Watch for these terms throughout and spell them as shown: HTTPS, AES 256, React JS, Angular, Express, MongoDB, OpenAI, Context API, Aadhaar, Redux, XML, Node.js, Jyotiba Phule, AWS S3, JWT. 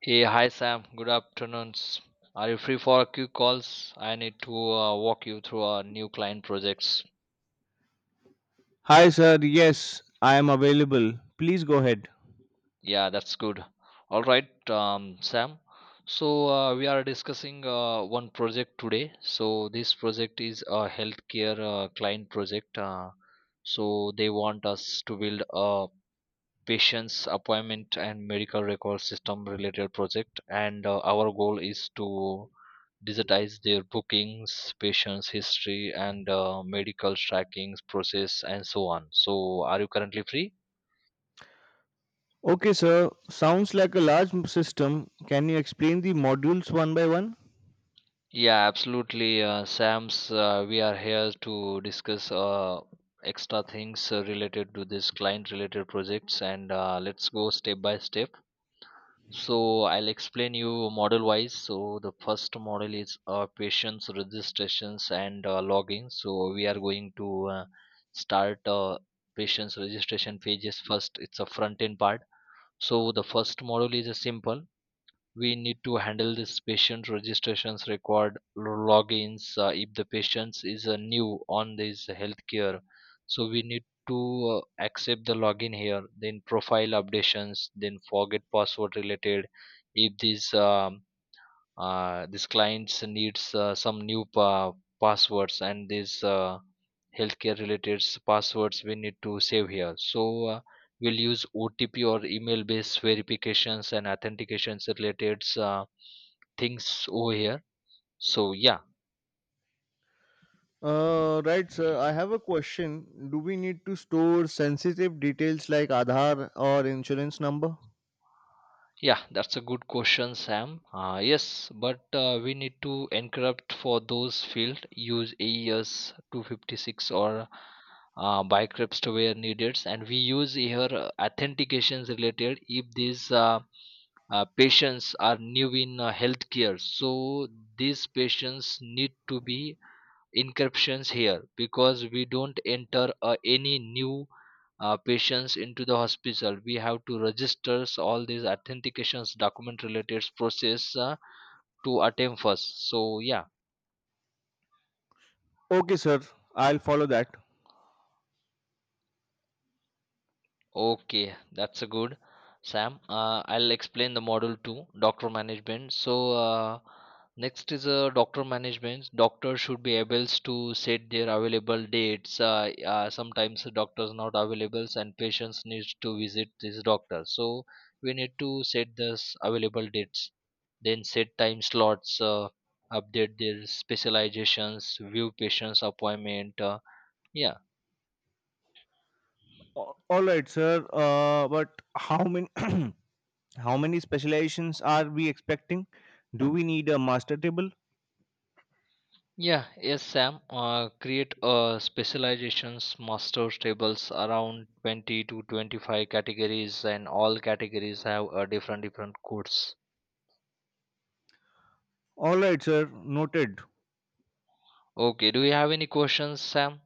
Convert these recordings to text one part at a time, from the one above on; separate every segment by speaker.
Speaker 1: Hey, hi Sam. Good afternoons. Are you free for a few calls? I need to walk you through our new client projects.
Speaker 2: Hi, sir. Yes, I am available. Please go ahead.
Speaker 1: Yeah, that's good. All right, Sam. So we are discussing one project today. So this project is a healthcare client project. So they want us to build a patients appointment and medical record system related project and our goal is to digitize their bookings patients history and medical tracking process and so on. So are you currently free?
Speaker 2: Okay, sir. Sounds like a large system. Can you explain the modules one by one?
Speaker 1: Yeah, absolutely. Sams, we are here to discuss extra things related to this client related projects, and let's go step by step. So I'll explain you model wise. So the first model is patients registrations and login. So we are going to start patients registration pages first. It's a front end part. So the first model is a simple, we need to handle this patient registrations required logins if the patient is new on this healthcare. So we need to accept the login here, then profile updations, then forget password related. If this this clients needs some new passwords, and these healthcare related passwords we need to save here. So we'll use otp or email based verifications and authentications related things over here. So yeah.
Speaker 2: Right, sir. I have a question. Do we need to store sensitive details like Aadhaar or insurance number?
Speaker 1: Yeah, that's a good question, Sam. Yes, but we need to encrypt for those field. Use AES 256 or by crypts where needed, and we use here authentications related if these patients are new in healthcare. So these patients need to be encryptions here because we don't enter any new patients into the hospital. We have to register all these authentications document related process to attempt first. So yeah.
Speaker 2: Okay, sir. I'll follow that.
Speaker 1: Okay, that's a good, Sam. I'll explain the model to doctor management. So next is a doctor management. Doctors should be able to set their available dates. Sometimes the doctors not available and patients needs to visit this doctor. So we need to set this available dates. Then set time slots. Update their specializations, view patients appointment. Yeah.
Speaker 2: All right, sir. But how many how many specializations are we expecting? Do we need a master table?
Speaker 1: Yeah, yes, Sam. Create specializations, masters tables around 20 to 25 categories, and all categories have a different different codes.
Speaker 2: All right, sir. Noted.
Speaker 1: Okay, do you have any questions, Sam?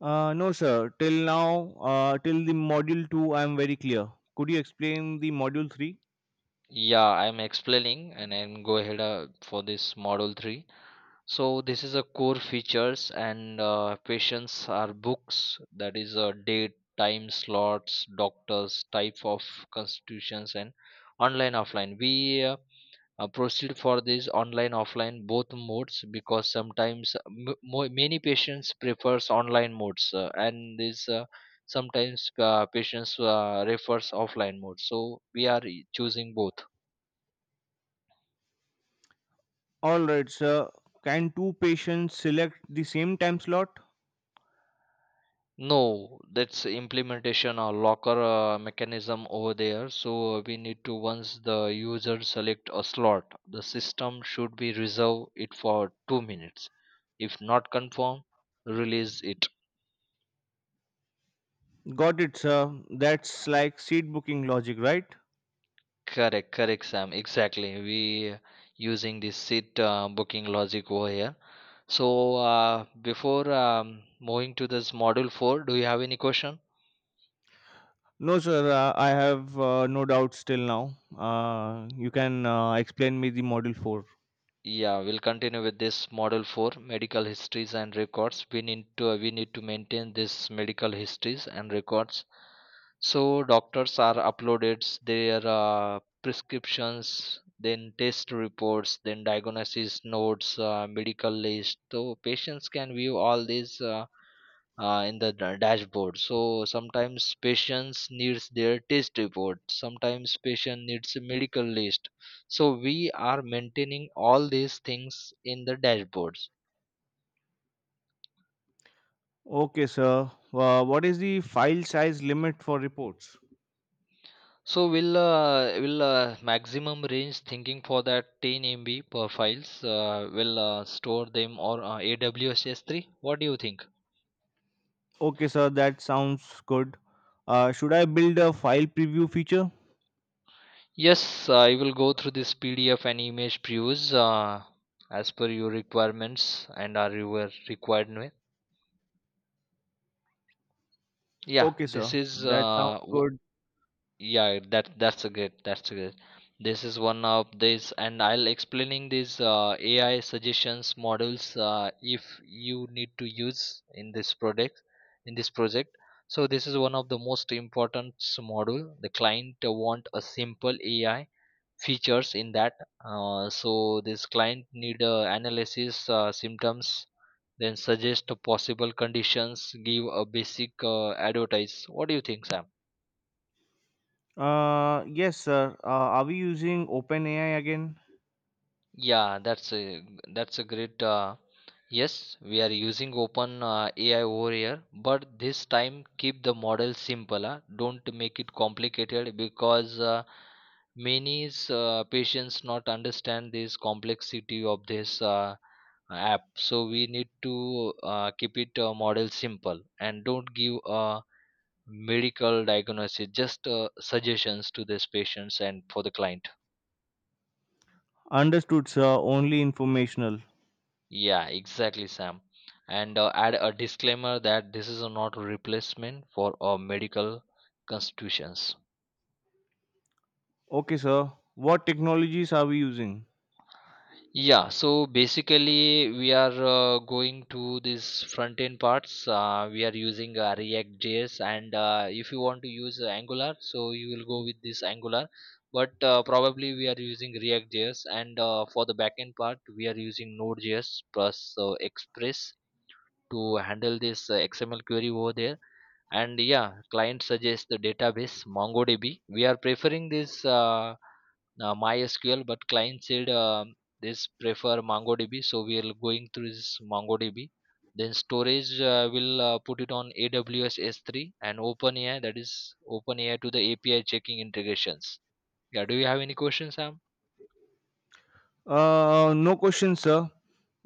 Speaker 2: No, sir. Till the module 2, I am very clear. Could you explain the module 3?
Speaker 1: Yeah, I'm explaining, and then go ahead for this model three. So this is a core features, and patients are books. That is a date, time slots, doctors, type of constitutions, and online offline. We proceed for this online offline both modes because sometimes many patients prefers online modes, and this sometimes patients refers offline mode, so we are e, choosing both.
Speaker 2: Alright, sir. Can two patients select the same time slot?
Speaker 1: No, that's implementation or locker mechanism over there. So we need to, once the user select a slot, the system should be reserve it for 2 minutes. If not confirm, release it.
Speaker 2: Got it, sir. That's like seat booking logic, right?
Speaker 1: Correct, correct, Sam. Exactly. We using this seat booking logic over here. So before moving to this module four, do you have any question?
Speaker 2: No, sir. I have no doubts till now. You can explain me the module 4.
Speaker 1: Yeah, we'll continue with this model four medical histories and records. We need to maintain this medical histories and records. So doctors are uploaded their prescriptions, then test reports, then diagnosis notes, medical list. So patients can view all these in the dashboard. So sometimes patients needs their test report. Sometimes patient needs a medical list. So we are maintaining all these things in the dashboards.
Speaker 2: Okay, sir. What is the file size limit for reports?
Speaker 1: So we'll will maximum range thinking for that 10 MB per files. Will store them or AWS S3. What do you think?
Speaker 2: Okay, sir. That sounds good. Should I build a file preview feature?
Speaker 1: Yes, I will go through this PDF and image previews as per your requirements and are your required. Yeah,
Speaker 2: Okay,
Speaker 1: this
Speaker 2: sir.
Speaker 1: is
Speaker 2: That sounds
Speaker 1: uh w-
Speaker 2: good.
Speaker 1: yeah, that's a good. This is one of this, and I'll explaining these AI suggestions models if you need to use in this product, in this project. So this is one of the most important model. The client want a simple AI features in that. So this client need analysis symptoms, then suggest possible conditions, give a basic advertise. What do you think, Sam?
Speaker 2: Yes, sir. Are we using OpenAI again?
Speaker 1: Yeah, that's a great. Yes, we are using open AI over here, but this time keep the model simple. Don't make it complicated because many patients not understand this complexity of this app. So we need to keep it model simple and don't give a medical diagnosis. Just suggestions to these patients and for the client.
Speaker 2: Understood, sir. Only informational.
Speaker 1: Yeah, exactly, Sam. And add a disclaimer that this is not a replacement for medical constitutions.
Speaker 2: Okay, sir. What technologies are we using?
Speaker 1: Yeah, so basically, we are going to this front end parts. We are using React JS, and if you want to use Angular, so you will go with this Angular. But probably we are using React JS, and for the backend part, we are using Node.js plus Express to handle this XML query over there. And yeah, client suggests the database mongodb. We are preferring this mysql, but client said this prefer mongodb, so we are going through this mongodb. Then storage will put it on aws S3, and openai, that is openai, to the api checking integrations. Yeah, do you have any questions, Sam?
Speaker 2: No question, sir.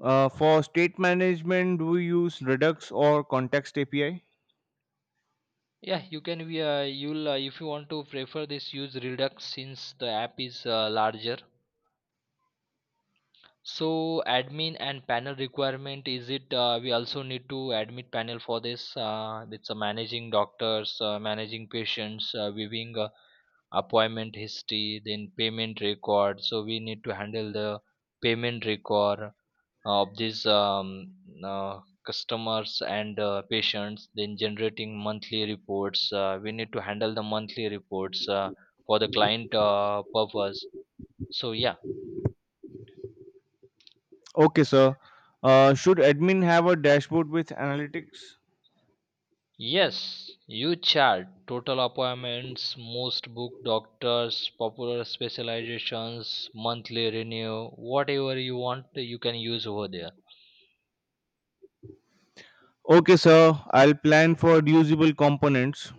Speaker 2: For state management, do we use Redux or Context API?
Speaker 1: Yeah you can we you'll If you want to prefer this, use redux since the app is larger. So admin and panel requirement is it, we also need to admit panel for this. It's a managing doctors, managing patients, viewing appointment history, then payment record. So we need to handle the payment record of these uh, customers and patients, then generating monthly reports. We need to handle the monthly reports for the client purpose. So yeah.
Speaker 2: Okay, sir. Should admin have a dashboard with analytics?
Speaker 1: Yes, you chart total appointments, most book doctors, popular specializations, monthly renew, whatever you want, you can use over there.
Speaker 2: Okay, sir. I'll plan for reusable components.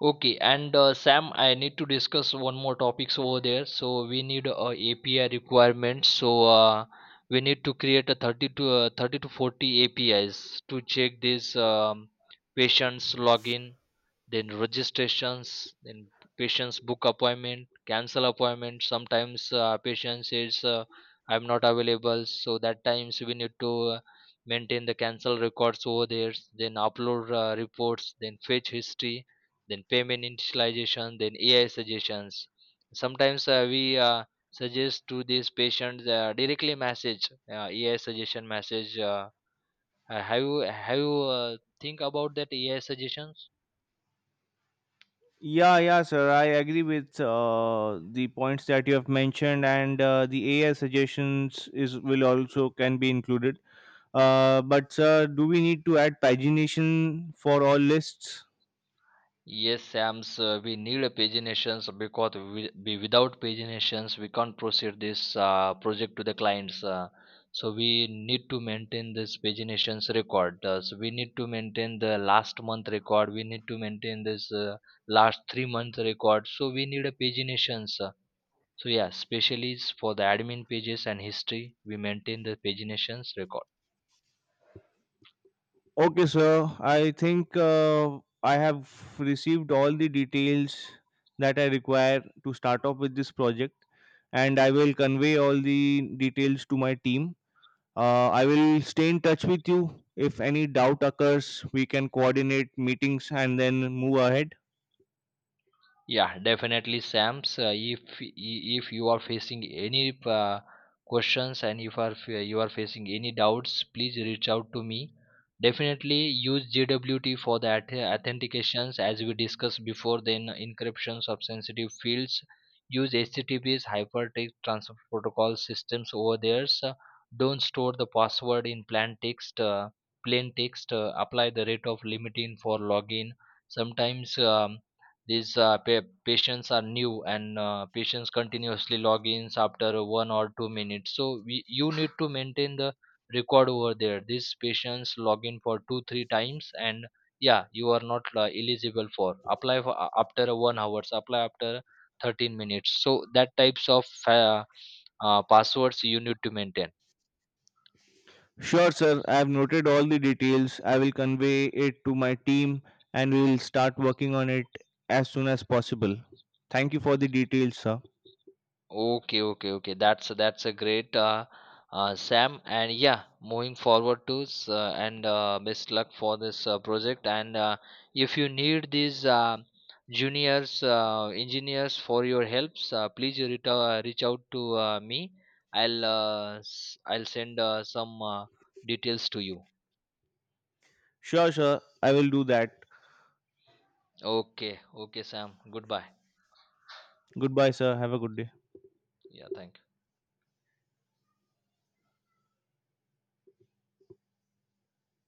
Speaker 1: Okay, and Sam, I need to discuss one more topics over there. So we need API requirements. So we need to create a 30 to 40 APIs to check this patient's login, then registrations, then patient's book appointment, cancel appointment. Sometimes patient says I'm not available, so that times we need to maintain the cancel records over there, then upload reports, then fetch history, then payment initialization, then ai suggestions. Sometimes we suggest to these patients directly message ai suggestion message. Uh, uh, have you have you uh, think about that ai suggestions?
Speaker 2: Yeah, sir. I agree with the points that you have mentioned, and the AI suggestions is will also can be included. But sir, do we need to add pagination for all lists?
Speaker 1: Yes, Sam's, we need a paginations because we without paginations we can't proceed this project to the clients. So we need to maintain this paginations record. So we need to maintain the last month record. We need to maintain this last 3 month record. So we need a paginations. So yeah, especially for the admin pages and history, we maintain the paginations record.
Speaker 2: Okay, sir. I think I have received all the details that I require to start off with this project, and I will convey all the details to my team. I will stay in touch with you. If any doubt occurs, we can coordinate meetings and then move ahead.
Speaker 1: Yeah, definitely, Sam's. If you are facing any questions, and if are you are facing any doubts, please reach out to me. Definitely use JWT for the authentications as we discussed before. Then encryptions of sensitive fields. Use HTTPS hypertext transfer protocol systems over there. So don't store the password in plain text. Apply the rate of limiting for login. Sometimes. These patients are new, and patients continuously log ins after 1 or 2 minutes. So you need to maintain the record over there. These patients log in for 2 3 times, and yeah, you are not eligible for apply for, after 1 hours, apply after 13 minutes. So that types of passwords you need to maintain.
Speaker 2: Sure, sir. I have noted all the details. I will convey it to my team and we will start working on it as soon as possible. Thank you for the details, sir.
Speaker 1: Okay, okay, okay. That's a great Sam, and yeah, moving forward to and best luck for this project. And if you need these juniors engineers for your helps, please reach out to me. I'll send some details to you.
Speaker 2: Sure, sir. I will do that.
Speaker 1: Okay, okay, Sam. Goodbye.
Speaker 2: Goodbye, sir. Have a good day.
Speaker 1: Yeah, thank.